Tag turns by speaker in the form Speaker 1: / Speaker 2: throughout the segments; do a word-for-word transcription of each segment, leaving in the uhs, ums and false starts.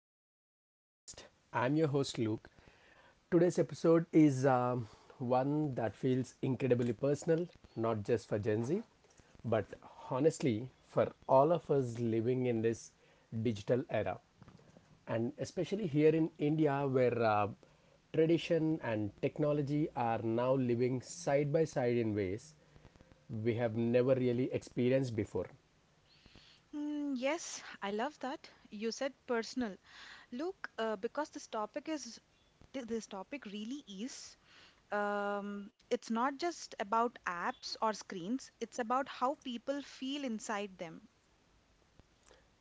Speaker 1: back to the podcast. I'm your host, Luke. Today's episode is um, one that feels incredibly personal, not just for Gen Z, but honestly, for all of us living in this digital era. And especially here in India, where uh, tradition and technology are now living side by side in ways we have never really experienced before.
Speaker 2: Mm, yes, I love that. You said personal. Look, uh, because this topic is th- this topic really is. Um, it's not just about apps or screens. It's about how people feel inside them.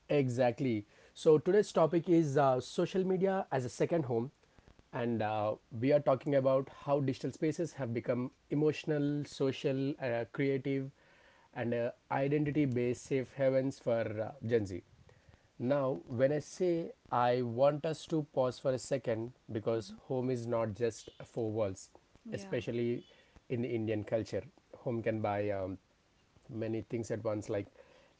Speaker 1: Exactly. So today's topic is uh, social media as a second home, and uh, we are talking about how digital spaces have become emotional, social, uh, creative, and uh, identity-based safe havens for uh, Gen Z. Now, when I say I want us to pause for a second because
Speaker 2: Mhm.
Speaker 1: home is not just four walls,
Speaker 2: Yeah,
Speaker 1: especially in the Indian culture. Home can buy. Um, many things at once like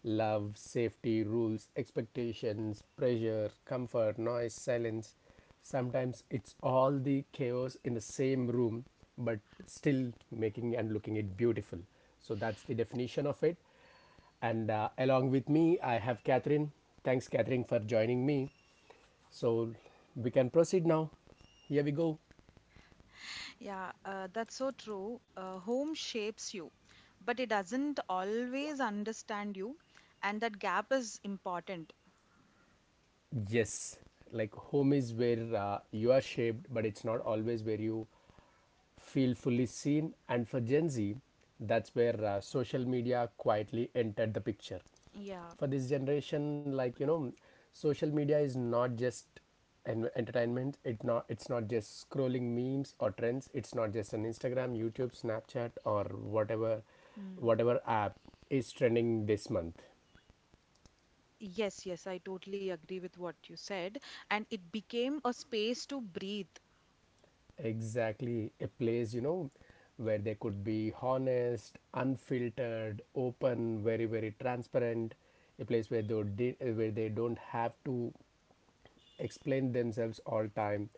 Speaker 1: love, safety, rules, expectations, pressure, comfort, noise, silence. Sometimes it's all the chaos in the same room, but still making and looking it beautiful. So that's the definition of it. And uh, along with me, I have Catherine. Thanks, Catherine, for joining me. So we can proceed now. Here we go.
Speaker 2: yeah, uh, that's so true. Uh, home shapes you, but it doesn't always understand you, and that gap is important.
Speaker 1: Yes, like home is where uh, you are shaped, but it's not always where you feel fully seen. And for Gen Z, that's where uh, social media quietly entered the picture.
Speaker 2: Yeah.
Speaker 1: For this generation, like you know, social media is not just an entertainment. It not it's not just scrolling memes or trends. It's not just on Instagram, YouTube, Snapchat, or whatever whatever app is trending this month.
Speaker 2: Yes, yes, I totally agree with what you said. And it became a space to breathe.
Speaker 1: Exactly, a place, you know, where they could be honest, unfiltered, open, very, very transparent, a place where they di- where they don't have to explain themselves all time.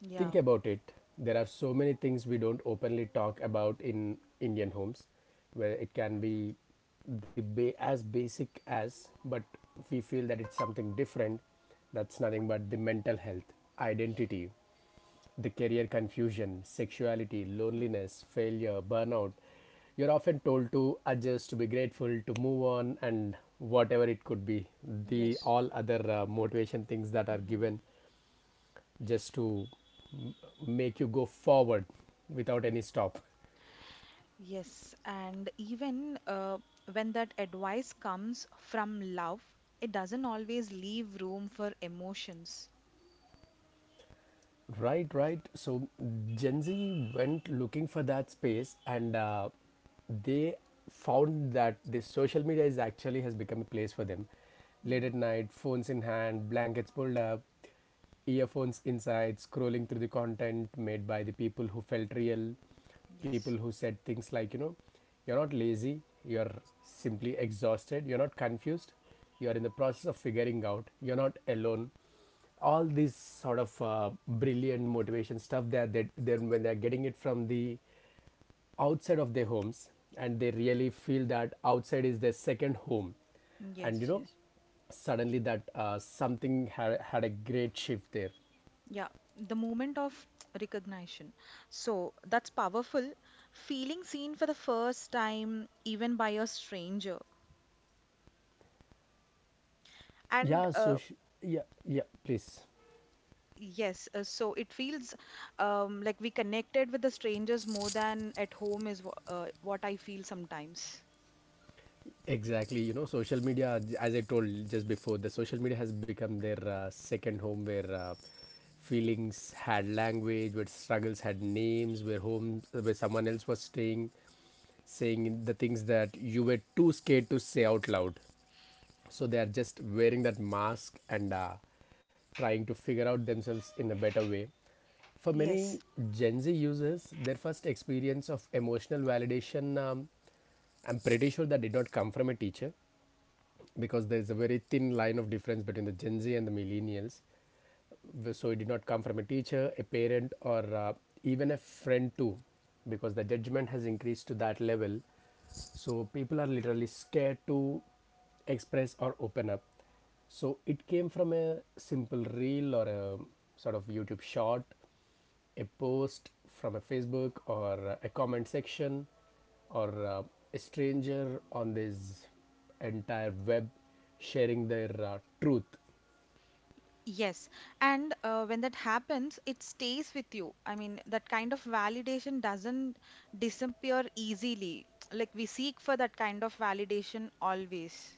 Speaker 2: Yeah.
Speaker 1: Think about it. There are so many things we don't openly talk about in Indian homes, where it can be the ba- as basic as, but we feel that it's something different. That's nothing but the mental health, identity, the career confusion, sexuality,
Speaker 2: Mm.
Speaker 1: loneliness, failure, burnout, you're often told to adjust, to be grateful, to move on, and whatever it could be. The
Speaker 2: Yes.
Speaker 1: all other uh, motivation things that are
Speaker 2: Mhm.
Speaker 1: given just to m- make you go forward without any stop.
Speaker 2: Yes, and even uh, when that advice comes from love, it doesn't always leave room for emotions.
Speaker 1: Right, right. So Gen Z went looking for that space and uh, they found that this social media is actually has become a place for them. Late
Speaker 2: Mm.
Speaker 1: at night, phones in hand, blankets pulled up, earphones inside, scrolling through the content made by the people who felt real,
Speaker 2: Yes.
Speaker 1: people who said things like, you know, you're not lazy, you're simply exhausted, you're not confused, you're in the process of figuring out, you're not alone. All these sort of uh, brilliant motivation stuff that they, then when they're getting it from the outside of their homes and they really feel that outside is their second home and you
Speaker 2: Yes,
Speaker 1: know
Speaker 2: yes.
Speaker 1: suddenly that uh, something had, had a great shift there.
Speaker 2: Yeah, the moment of recognition. So that's powerful. Feeling seen for the first time, even by a stranger. And
Speaker 1: Yeah, so
Speaker 2: uh,
Speaker 1: yeah, yeah, please.
Speaker 2: Yes, uh, so it feels um, like we connected with the strangers more than at home is wh- uh, what I feel sometimes.
Speaker 1: Exactly, you know, social media, j- as I told just before, the social media has become their uh, second home where uh, feelings had language, where struggles had names, where home, where someone else was staying, saying the things that you were too scared to say out loud. So they are just wearing that mask and uh, trying to figure out themselves in a better way. For
Speaker 2: Yes.
Speaker 1: many Gen Z users, their first experience of emotional validation um, I'm pretty sure that did not come from a teacher because there's a very thin line of difference between the Gen Z and the millennials. So it did not come from a teacher, a parent, or uh, even a friend too, because the judgment has increased to that level. So people are literally scared to express or open up. So it came from a simple reel or a sort of YouTube short, a post from a Facebook or uh, a comment section or uh, a stranger on this entire web sharing their uh, truth.
Speaker 2: Yes, and uh, when that happens, it stays with you. I mean, that kind of validation doesn't disappear easily. Like we seek for that kind of validation always.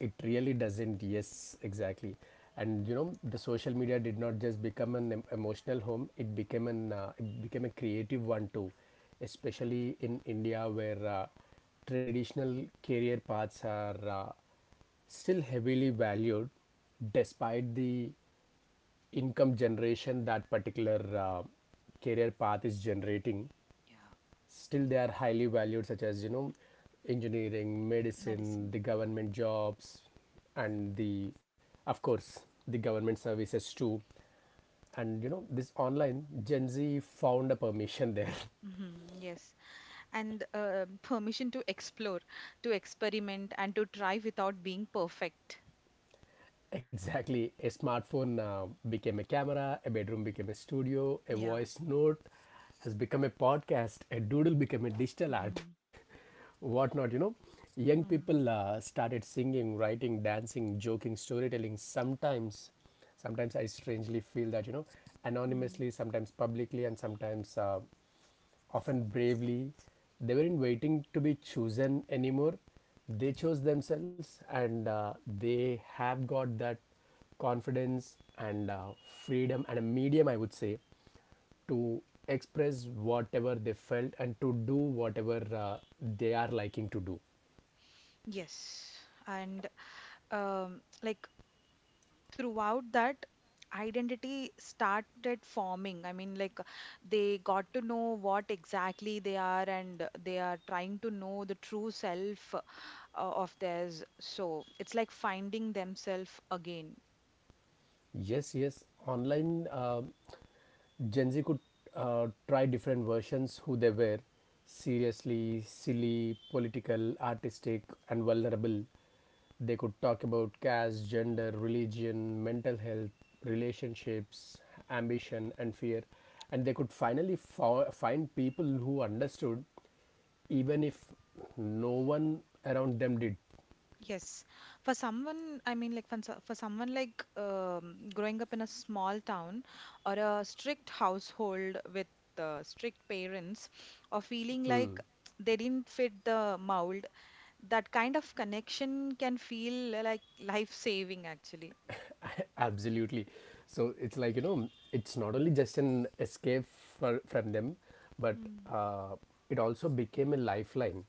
Speaker 1: It really doesn't, yes, exactly. And you know, the social media did not just become an em- emotional home, it became, an, uh, it became a creative one too, especially in India where uh, traditional career paths are. Uh, still heavily valued despite the income generation that particular uh, career path is generating,
Speaker 2: Yeah,
Speaker 1: still they are highly valued such as you know engineering, medicine,
Speaker 2: medicine.
Speaker 1: the government jobs and the, of course, the government services too. And you know, this online Gen Z found a permission there.
Speaker 2: Hmm, yes, and uh, permission to explore, to experiment, and to try without being perfect.
Speaker 1: Exactly. A smartphone uh, became a camera, a bedroom became a studio, a
Speaker 2: Yeah.
Speaker 1: voice note has become a podcast, a doodle became a digital art, whatnot, you know. Young
Speaker 2: Mm,
Speaker 1: people uh, started singing, writing, dancing, joking, storytelling. Sometimes, sometimes I strangely feel that, you know,
Speaker 2: mm.
Speaker 1: anonymously, sometimes publicly, and sometimes uh, often bravely. They weren't waiting to be chosen anymore. They chose themselves and uh, they have got that confidence and uh, freedom and a medium, I would say, to express whatever they felt and to do whatever uh, they are liking to do.
Speaker 2: Yes, and um, like throughout that identity started forming. I mean, like they got to know what exactly they are, and they are trying to know the true self uh, of theirs. So it's like finding themselves again.
Speaker 1: Yes, yes, online uh, Gen Z could uh, try different versions who they were, seriously, silly, political, artistic, and vulnerable. They could talk about caste, gender, religion, mental health, relationships, ambition, and fear. And they could finally fo- find people who understood, even if no one around them did.
Speaker 2: Yes, for someone, I mean, like for, so- for someone like um, growing up in a small town or a strict household with uh, strict parents, or feeling
Speaker 1: Hmm.
Speaker 2: like they didn't fit the mold, that kind of connection can feel uh, like life-saving actually.
Speaker 1: Absolutely. So it's like, you know, it's not only just an escape for, from them, but
Speaker 2: Mm,
Speaker 1: uh, it also became a lifeline.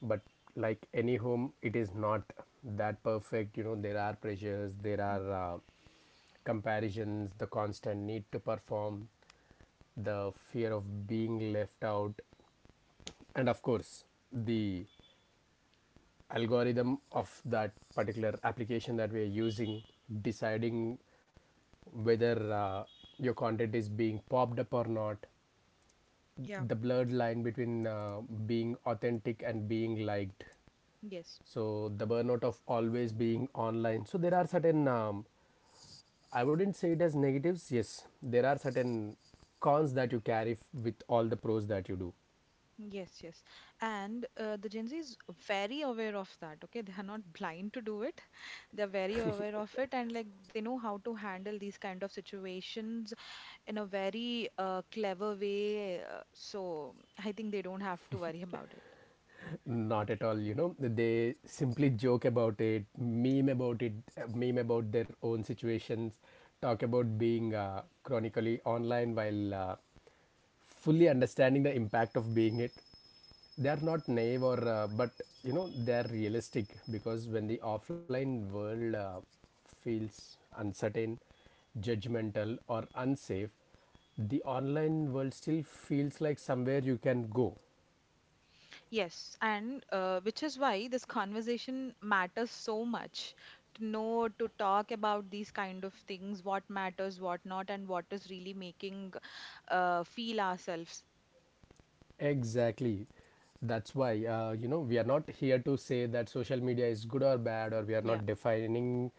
Speaker 1: But like any home, it is not that perfect, you know. There are pressures, there
Speaker 2: mm.
Speaker 1: are uh, comparisons, the constant need to perform, the fear of being left out, and of course, the algorithm of that particular application that we are using deciding whether uh, your content is being popped up or not,
Speaker 2: Yeah,
Speaker 1: the blurred line between uh, being authentic and being liked,
Speaker 2: yes,
Speaker 1: so the burnout of always being online. So there are certain um, I wouldn't say it as negatives. Yes, there are certain cons that you carry f- with all the pros that you do.
Speaker 2: yes, yes. And uh, the Gen Z is very aware of that, okay? They are not blind to do it, they're very aware of it, and like they know how to handle these kind of situations in a very uh, clever way, uh, so I think they don't have to worry about it.
Speaker 1: Not at all, you know. They simply joke about it, meme about it, uh, meme about their own situations, talk about being uh, chronically online while uh, fully understanding the impact of being it. They are not naive or uh, but you know they are realistic, because when the offline world uh, feels uncertain, judgmental or unsafe, the online world still feels like somewhere you can go.
Speaker 2: Yes, and uh, which is why this conversation matters so much, to know to talk about these kind of things, what matters, what not, and what is really making uh, feel ourselves.
Speaker 1: Exactly, that's why uh, you know we are not here to say that social media is good or bad, or we are
Speaker 2: Yeah.
Speaker 1: not defining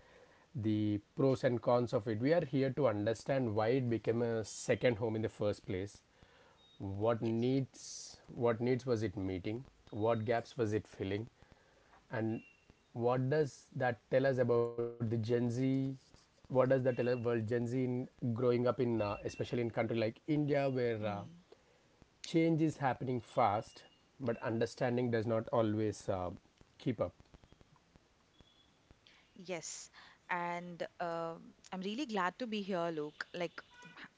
Speaker 1: the pros and cons of it. We are here to understand why it became a second home in the first place. What
Speaker 2: Yes.
Speaker 1: needs what needs was it meeting, what gaps was it filling, and what does that tell us about the Gen Z, what does that tell us about Gen Z in growing up in uh, especially in country like India where uh,
Speaker 2: Mm.
Speaker 1: change is happening fast but understanding does not always uh, keep up.
Speaker 2: Yes, and um I'm really glad to be here, Luke. Like,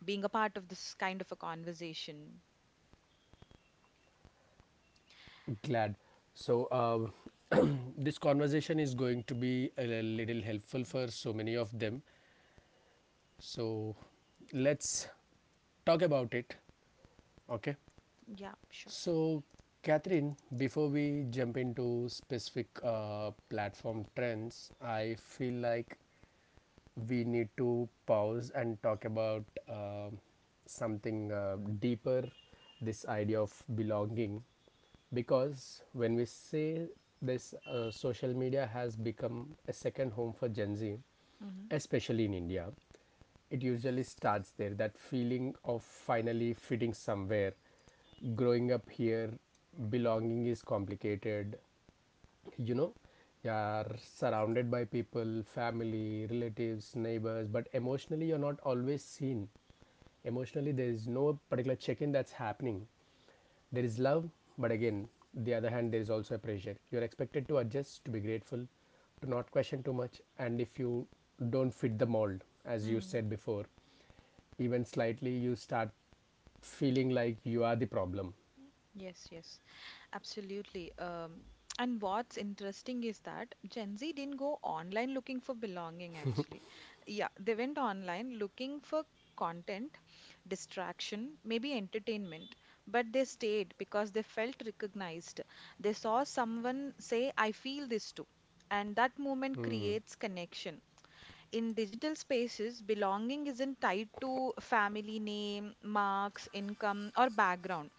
Speaker 2: being a part of this kind of a conversation.
Speaker 1: Glad. So uh, this conversation is going to be a little helpful for so many of them, so let's talk about it. Okay.
Speaker 2: Yeah, sure.
Speaker 1: So, Catherine, before we jump into specific uh, platform trends, I feel like we need to pause and talk about uh, something uh, deeper, this idea of belonging. Because when we say this uh, social media has become a second home for Gen Z,
Speaker 2: Hmm,
Speaker 1: especially in India, it usually starts there, that feeling of finally fitting somewhere. Growing up here, belonging is complicated, you know. You are surrounded by people, family, relatives, neighbors, but emotionally you're not always seen. Emotionally there is no particular check-in that's happening. There is love, but again, the other hand there is also a pressure. You're expected to adjust, to be grateful, to not question too much, and if you don't fit the mold, as you
Speaker 2: hmm.
Speaker 1: said before, even slightly, you start feeling like you are the problem.
Speaker 2: Yes, yes, absolutely. Um, and what's interesting is that Gen Z didn't go online looking for belonging, actually. Yeah, they went online looking for content, distraction, maybe entertainment, but they stayed because they felt recognized. They saw someone say, I feel this too. And that moment creates connection. In digital spaces, belonging isn't tied to family name, marks, income, or background,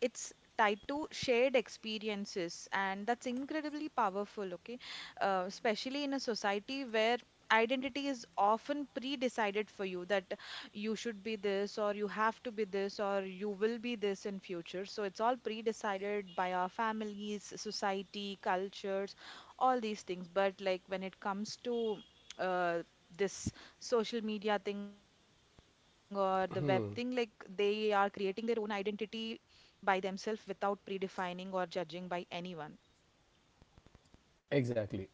Speaker 2: it's tied to shared experiences, and that's incredibly powerful. Okay, uh, especially in a society where identity is often pre-decided for you, that you should be this, or you have to be this, or you will be this in future, so it's all pre-decided by our families, society, cultures, all these things. But like when it comes to uh, this social media thing or the web thing, like they are creating their own identity by themselves, without predefining or judging by anyone.
Speaker 1: Exactly.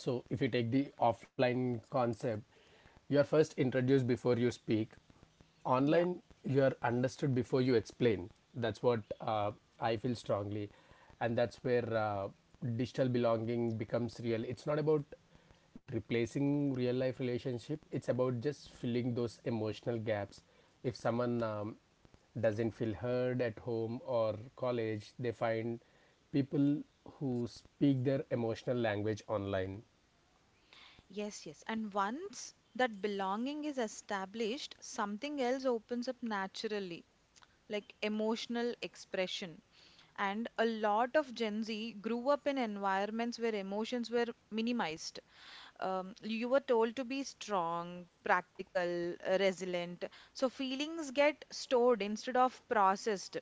Speaker 1: So if you take the offline concept, you are first introduced before you speak.
Speaker 2: Yeah.
Speaker 1: Online, you are understood before you explain. That's what uh, I feel strongly, and that's where uh, digital belonging becomes real. It's not about replacing real life relationship, it's about just filling those emotional gaps. If someone um, doesn't feel heard at home or college, they find people who speak their emotional language online.
Speaker 2: Yes, yes. And once that belonging is established, something else opens up naturally, like emotional expression. And a lot of Gen Z grew up in environments where emotions were minimized. Um, you were told to be strong, practical, uh, resilient. So feelings get stored instead of processed.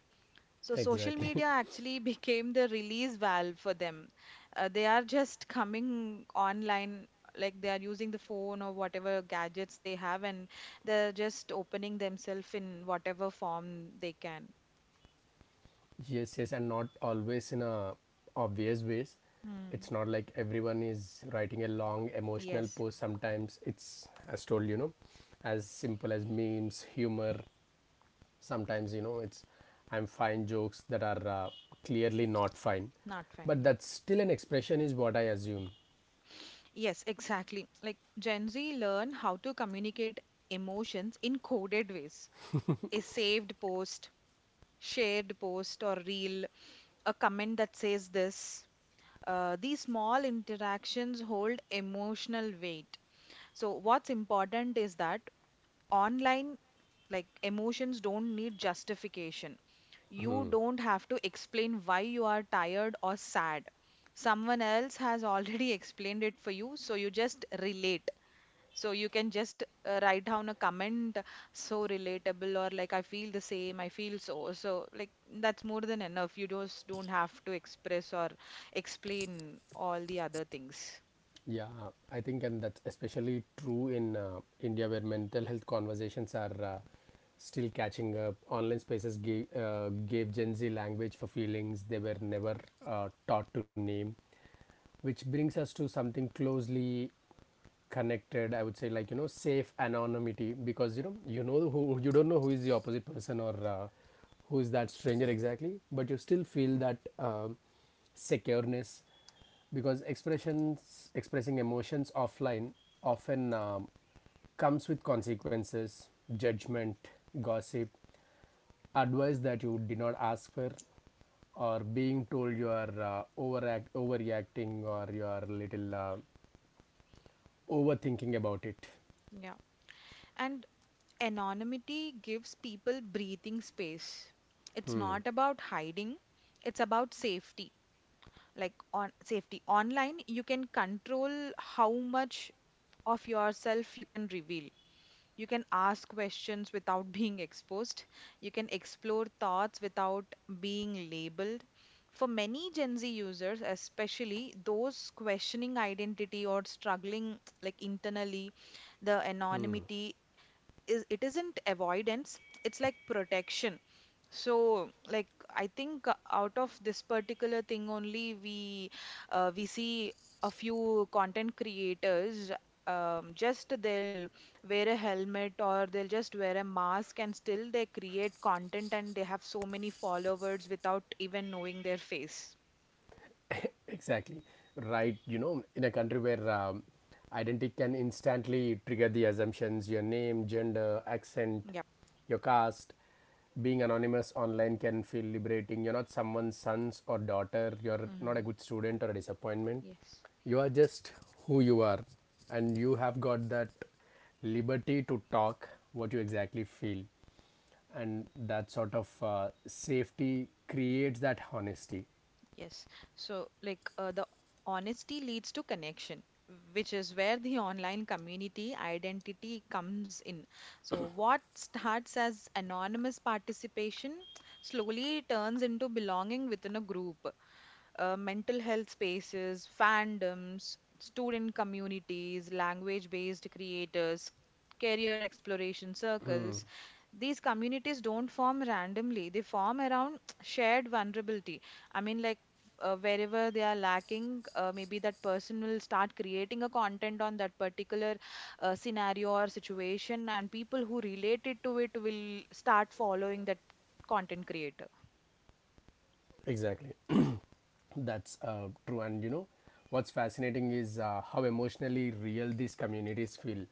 Speaker 2: So social
Speaker 1: Exactly.
Speaker 2: media actually became the release valve for them. Uh, they are just coming online, like they are using the phone or whatever gadgets they have, and they're just opening themselves in whatever form they can.
Speaker 1: Yes, yes, and not always in a obvious ways. It's
Speaker 2: Hmm.
Speaker 1: not like everyone is writing a long emotional
Speaker 2: Yes,
Speaker 1: post. Sometimes it's as told, you know, as simple as memes, humor. Sometimes, you know, it's I'm fine jokes that are uh, clearly not fine.
Speaker 2: not fine.
Speaker 1: But
Speaker 2: Yeah.
Speaker 1: that's still an expression, is what I assume.
Speaker 2: Yes, exactly. Like Gen Z learn how to communicate emotions in coded ways. A saved post, shared post or reel, a comment that says this. Uh, these small interactions hold emotional weight. So, what's important is that online, like emotions don't need justification. You don't have to explain why you are tired or sad. Someone else has already explained it for you, so you just relate. So you can just uh, write down a comment, so relatable, or like I feel the same, I feel so. So like that's more than enough. You just don't have to express or explain all the other things.
Speaker 1: Yeah, I think, and that's especially true in uh, India, where mental health conversations are uh, still catching up. Online spaces gave, uh, gave Gen Z language for feelings they were never uh, taught to name, which brings us to something closely connected. I would say, like you know, safe anonymity, because you know, you know who— you don't know who is the opposite person, or uh, who is that stranger exactly, but you still feel that um secureness, because expressions expressing emotions offline often um, comes with consequences, judgment, gossip, advice that you did not ask for, or being told you are uh, overact overreacting, or you are a little uh, overthinking about it.
Speaker 2: Yeah. And anonymity gives people breathing space. It's
Speaker 1: hmm.
Speaker 2: not about hiding, it's about safety. Like on safety online, you can control how much of yourself you can reveal. You can ask questions without being exposed. You can explore thoughts without being labeled. For many Gen Z users, especially those questioning identity or struggling like internally, the
Speaker 1: Hmm.
Speaker 2: anonymity is it isn't avoidance, it's like protection. So, like, I think uh, out of this particular thing only, we uh, we see a few content creators. Um, just they'll wear a helmet or they'll just wear a mask, and still they create content and they have so many followers without even knowing their face.
Speaker 1: Exactly. Right. You know, in a country where um, identity can instantly trigger the assumptions— your name, gender, accent,
Speaker 2: Yep.
Speaker 1: your caste, being anonymous online can feel liberating. You're not someone's sons or daughter. You're not a
Speaker 2: Hmm.
Speaker 1: good student or a disappointment.
Speaker 2: Yes.
Speaker 1: You are just who you are. And you have got that liberty to talk what you exactly feel. And that sort of uh, safety creates that honesty.
Speaker 2: Yes. So, like, uh, the honesty leads to connection, which is where the online community identity comes in. So, what starts as anonymous participation slowly turns into belonging within a group. Uh, mental health spaces, fandoms, student communities, language-based creators, career exploration circles. These communities don't form randomly, they form around shared vulnerability. I mean, like, uh, wherever they are lacking, uh, maybe that person will start creating a content on that particular uh, scenario or situation, and people who related to it will start following that content creator.
Speaker 1: Exactly. That's uh, true. And you know, what's fascinating is uh, how emotionally real these communities feel.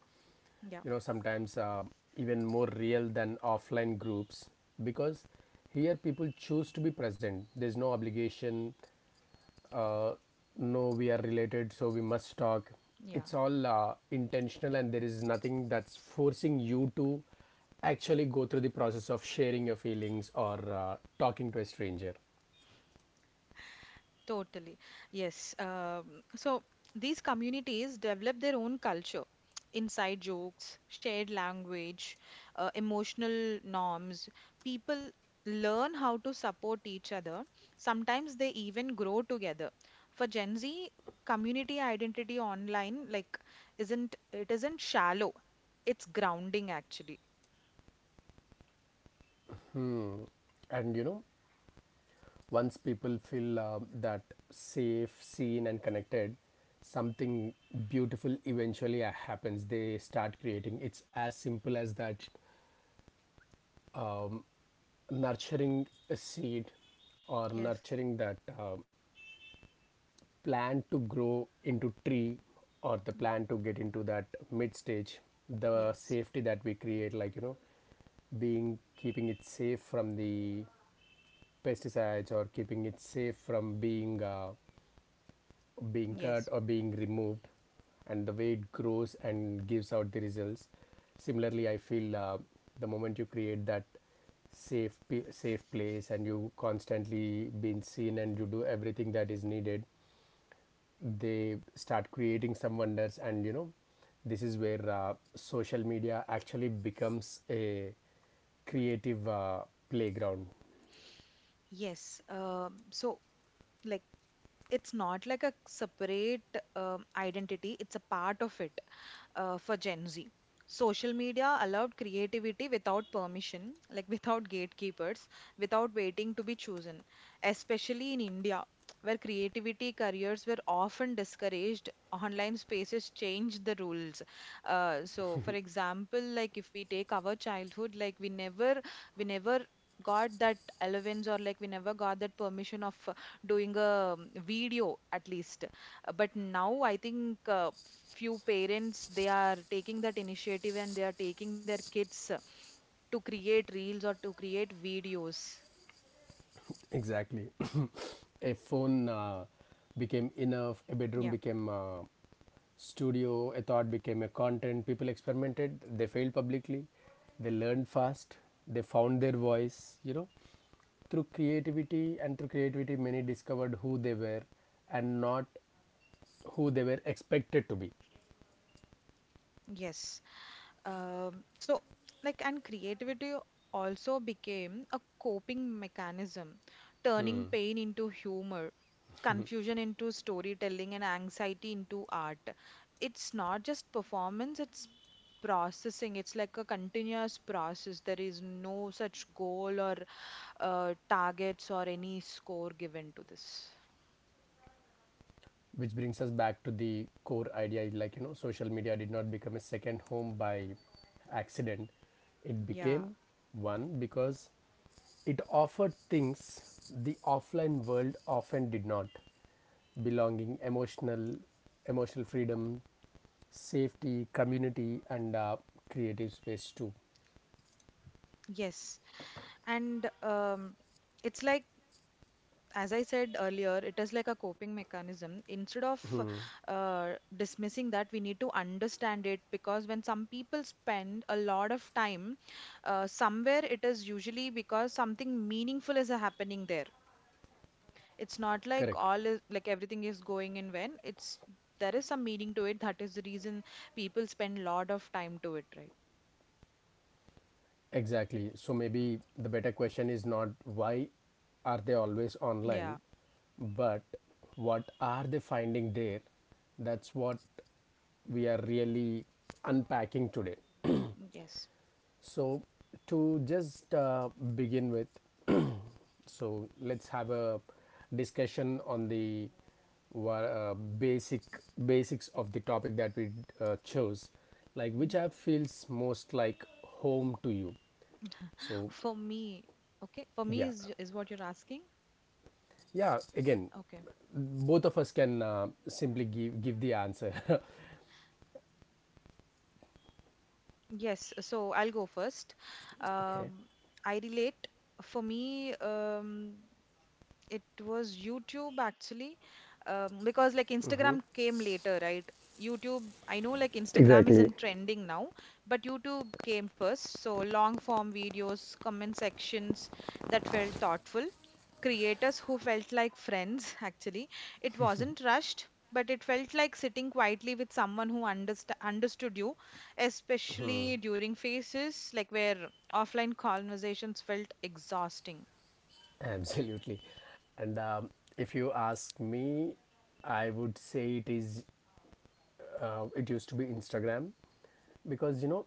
Speaker 2: Yeah,
Speaker 1: You know, sometimes uh, even more real than offline groups, because here people choose to be present. There's no obligation, uh, no, we are related, so we must talk.
Speaker 2: yeah.
Speaker 1: It's all uh, intentional, and there is nothing that's forcing you to actually go through the process of sharing your feelings or uh, talking to a stranger.
Speaker 2: Totally. Yes. Um, so these communities develop their own culture, inside jokes, shared language, uh, emotional norms. People learn how to support each other. Sometimes they even grow together. For Gen Z, community identity online, like, isn't it isn't shallow. It's grounding actually.
Speaker 1: And you know, once people feel um, that safe, seen, and connected, something beautiful eventually uh, happens. They start creating. It's as simple as that. um, Nurturing a seed, or
Speaker 2: Yes,
Speaker 1: nurturing that um plant to grow into tree, or the plant to get into that mid stage. The
Speaker 2: yes.
Speaker 1: safety that we create, like you know being— keeping it safe from the pesticides, or keeping it safe from being uh, being cut
Speaker 2: Yes.
Speaker 1: or being removed, and the way it grows and gives out the results. Similarly, I feel uh, the moment you create that safe safe place, and you constantly being seen, and you do everything that is needed, they start creating some wonders. And you know, this is where uh, social media actually becomes a creative uh, playground.
Speaker 2: Yes. Um so like it's not like a separate um, identity, it's a part of it, uh, for Gen Z. Social media allowed creativity without permission, like without gatekeepers, without waiting to be chosen, especially in India, where creativity careers were often discouraged. Online spaces changed the rules. Uh, so, for example, like if we take our childhood, like we never, we never got that allowance, or like we never got that permission of uh, doing a um, video at least. Uh, But now I think uh, few parents they are taking that initiative, and they are taking their kids uh, to create reels or to create videos.
Speaker 1: Exactly. A phone uh, became enough. A bedroom
Speaker 2: Yeah,
Speaker 1: became uh, studio. A thought became a content. People experimented, they failed publicly, they learned fast, they found their voice, you know, through creativity. And through creativity, many discovered who they were, and not who they were expected to be.
Speaker 2: yes. Um, so like and creativity also became a coping mechanism, turning pain into humor. Confusion into storytelling, and anxiety into art. It's not just performance, it's processing. It's like a continuous process. There is no such goal or uh, targets or any score given to this.
Speaker 1: Which brings us back to the core idea, like you know social media did not become a second home by accident. It
Speaker 2: Yeah,
Speaker 1: became one because it offered things the offline world often did not— belonging, emotional, emotional freedom, safety, community, and uh, creative space too.
Speaker 2: yes. And um, it's like, as I said earlier, it is like a coping mechanism. Instead of uh, dismissing that, we need to understand it, because when some people spend a lot of time uh, somewhere, it is usually because something meaningful is happening there. It's not like
Speaker 1: Correct.
Speaker 2: all is, like, everything is going in vain. It's There is some meaning to it. That is the reason people spend a lot of time to it, right?
Speaker 1: Exactly. So maybe the better question is not why are they always
Speaker 2: Yeah.
Speaker 1: online, but what are they finding there? That's what we are really unpacking today.
Speaker 2: Yes.
Speaker 1: So, to just uh, begin with, so let's have a discussion on the wa- uh, basic basics of the topic that we uh, chose, like
Speaker 2: Mm-hmm.
Speaker 1: which app feels most like home to you. So
Speaker 2: For me, okay. For me
Speaker 1: yeah,
Speaker 2: is is what you're asking.
Speaker 1: yeah. Again,
Speaker 2: Okay.
Speaker 1: both of us can uh, simply give give the answer.
Speaker 2: Yes, so I'll go first.
Speaker 1: Okay.
Speaker 2: Um, I relate. For me, um, it was YouTube actually, um, because like Instagram came later, right? YouTube, I know like
Speaker 1: Exactly.
Speaker 2: Instagram is in trending now, but YouTube came first. So long form videos, comment sections that felt thoughtful, creators who felt like friends, actually. It wasn't rushed, but it felt like sitting quietly with someone who underst understood you, especially during phases like where offline conversations felt exhausting.
Speaker 1: Absolutely. And um, if you ask me, I would say it is. Uh, it used to be Instagram, because you know,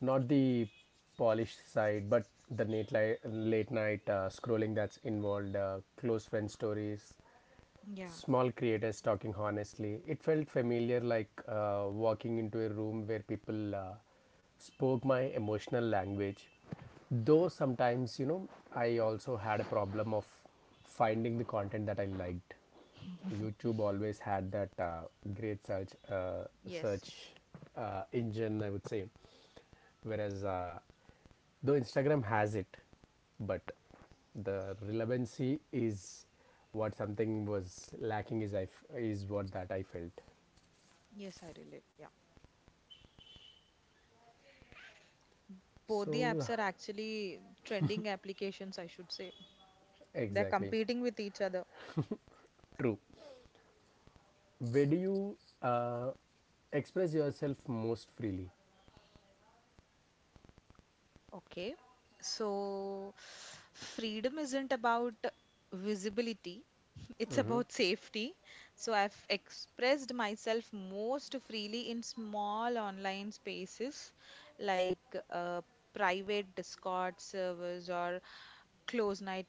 Speaker 1: not the polished side, but the late, li- late night uh, scrolling that's involved, uh, close friend stories,
Speaker 2: Yeah,
Speaker 1: small creators talking honestly. It felt familiar, like uh, walking into a room where people uh, spoke my emotional language. Though sometimes, you know, I also had a problem of finding the content that I liked. YouTube always had that uh, great search uh,
Speaker 2: yes.
Speaker 1: search uh, engine, I would say, whereas uh, though instagram has it, but the relevancy is— what something was lacking is— I f- is what that I felt.
Speaker 2: Yes, I relate. Yeah. Both the
Speaker 1: So,
Speaker 2: apps are actually trending applications, I should say. They're
Speaker 1: exactly.
Speaker 2: competing with each other.
Speaker 1: True. Where do you uh, express yourself most freely?
Speaker 2: Okay. So, freedom isn't about visibility, it's
Speaker 1: Mm-hmm.
Speaker 2: about safety. So, I've expressed myself most freely in small online spaces like uh, private Discord servers or close night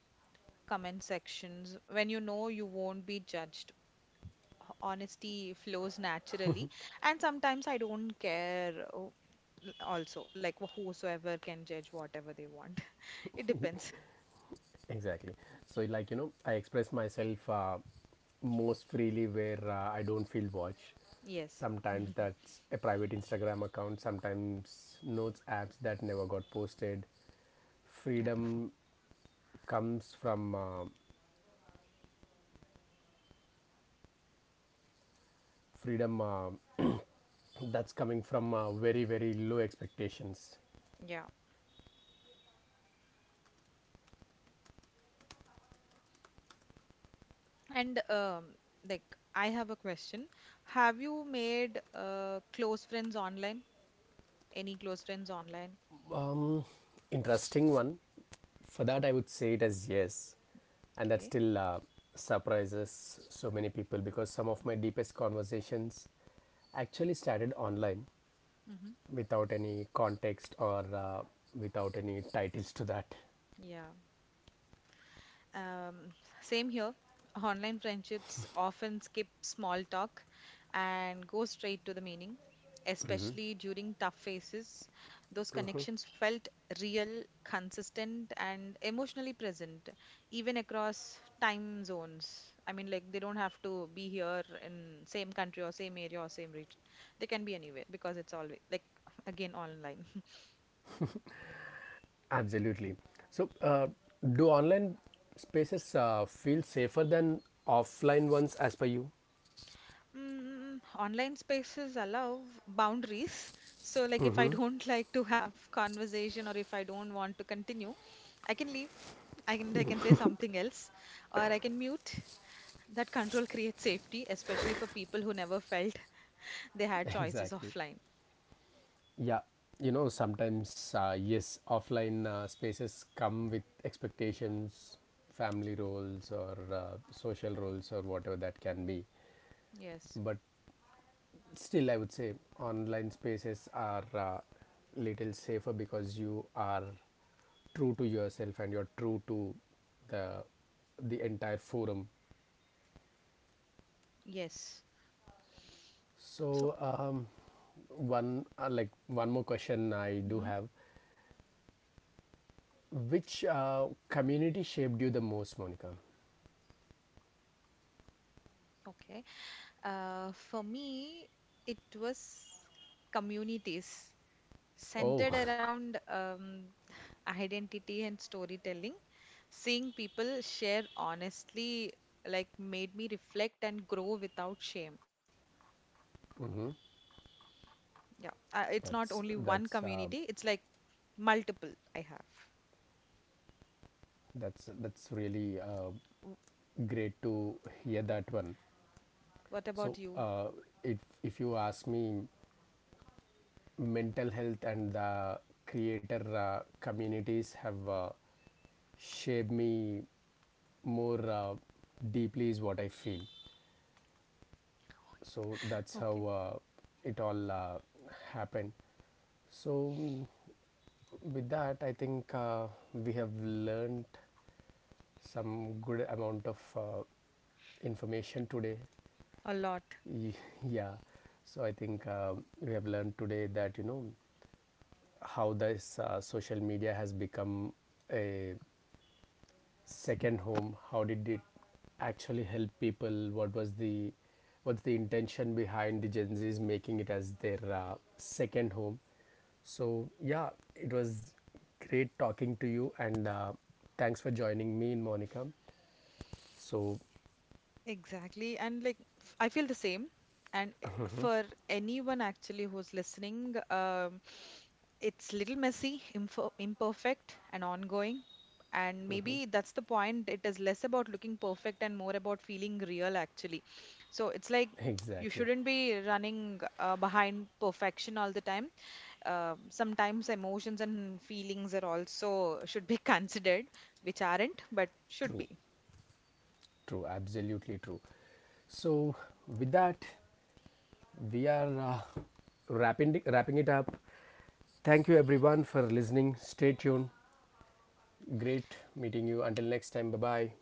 Speaker 2: comment sections, when you know you won't be judged. Honesty flows naturally, and sometimes I don't care. Oh, also like whosoever can judge whatever they want, it depends.
Speaker 1: Exactly. So, like you know, I express myself uh, most freely where uh, I don't feel watched.
Speaker 2: Yes,
Speaker 1: Sometimes that's a private instagram account, sometimes notes apps that never got posted.
Speaker 2: yeah,
Speaker 1: Freedom comes from uh, freedom uh, that's coming from uh, very very low expectations.
Speaker 2: yeah. And um like I have a question, have you made uh close friends online, any close friends online?
Speaker 1: Um, interesting one. For that I would say it as yes, and that
Speaker 2: Okay.
Speaker 1: still uh, surprises so many people, because some of my deepest conversations actually started online
Speaker 2: Mm-hmm.
Speaker 1: without any context, or uh, without any titles to that.
Speaker 2: Yeah. Um, Same here. Online friendships often skip small talk and go straight to the meaning, especially during tough phases. Those connections felt real, consistent, and emotionally present, even across time zones. I mean, like they don't have to be here in same country or same area or same region. They can be anywhere, because it's always like again online.
Speaker 1: Absolutely. So, uh, do online spaces uh, feel safer than offline ones as per you?
Speaker 2: Mm, online spaces allow boundaries. So, like, if I don't like to have conversation, or if I don't want to continue, I can leave. I can I can say something else, or I can mute. That control creates safety, especially for people who never felt they had choices
Speaker 1: Exactly.
Speaker 2: offline.
Speaker 1: Yeah. You know, sometimes, uh, yes, offline uh, spaces come with expectations— family roles, or uh, social roles, or whatever that can be.
Speaker 2: Yes,
Speaker 1: But still, I would say online spaces are uh, little safer, because you are true to yourself and you're true to the the entire forum.
Speaker 2: yes. So,
Speaker 1: So, um, one— uh, like one more question I do
Speaker 2: mhm,
Speaker 1: have: which uh, community shaped you the most, Monica?
Speaker 2: okay. Uh, for me, it was communities centered
Speaker 1: Oh,
Speaker 2: around um, identity and storytelling. Seeing people share honestly, like, made me reflect and grow without shame.
Speaker 1: hmm,
Speaker 2: Yeah, uh, it's
Speaker 1: that's
Speaker 2: not only
Speaker 1: that's
Speaker 2: one
Speaker 1: uh,
Speaker 2: community, it's like multiple I have.
Speaker 1: that's that's really uh,
Speaker 2: W-
Speaker 1: great to hear that one.
Speaker 2: What about
Speaker 1: So,
Speaker 2: you?
Speaker 1: uh, if if you ask me, mental health and the creator uh, communities have uh, shaped me more uh, deeply is what I feel. So that's how
Speaker 2: Okay,
Speaker 1: uh, it all uh, happened. So, mm, with that, I think uh, we have learned some good amount of uh, information today.
Speaker 2: a lot.
Speaker 1: Yeah, so I think um, we have learned today that you know how this uh, social media has become a second home, how did it actually help people, what was the— what's the intention behind the gen z's making it as their uh, second home. So yeah, it was great talking to you, and uh, thanks for joining me in monica. So,
Speaker 2: Exactly. And like, f- I feel the same. And eh, for anyone actually who's listening, um, it's little messy, impo imperfect, and ongoing. And maybe that's the point. It is less about looking perfect and more about feeling real, actually. So it's like you
Speaker 1: exactly.
Speaker 2: shouldn't be running uh, behind perfection all the time. Uh, sometimes emotions and feelings are also should be considered, which aren't, but should
Speaker 1: True.
Speaker 2: be.
Speaker 1: True. Absolutely true. So, with that, we are uh, wrapping wrapping it up. Thank you everyone for listening. Stay tuned. Great meeting you. Until next time. Bye bye.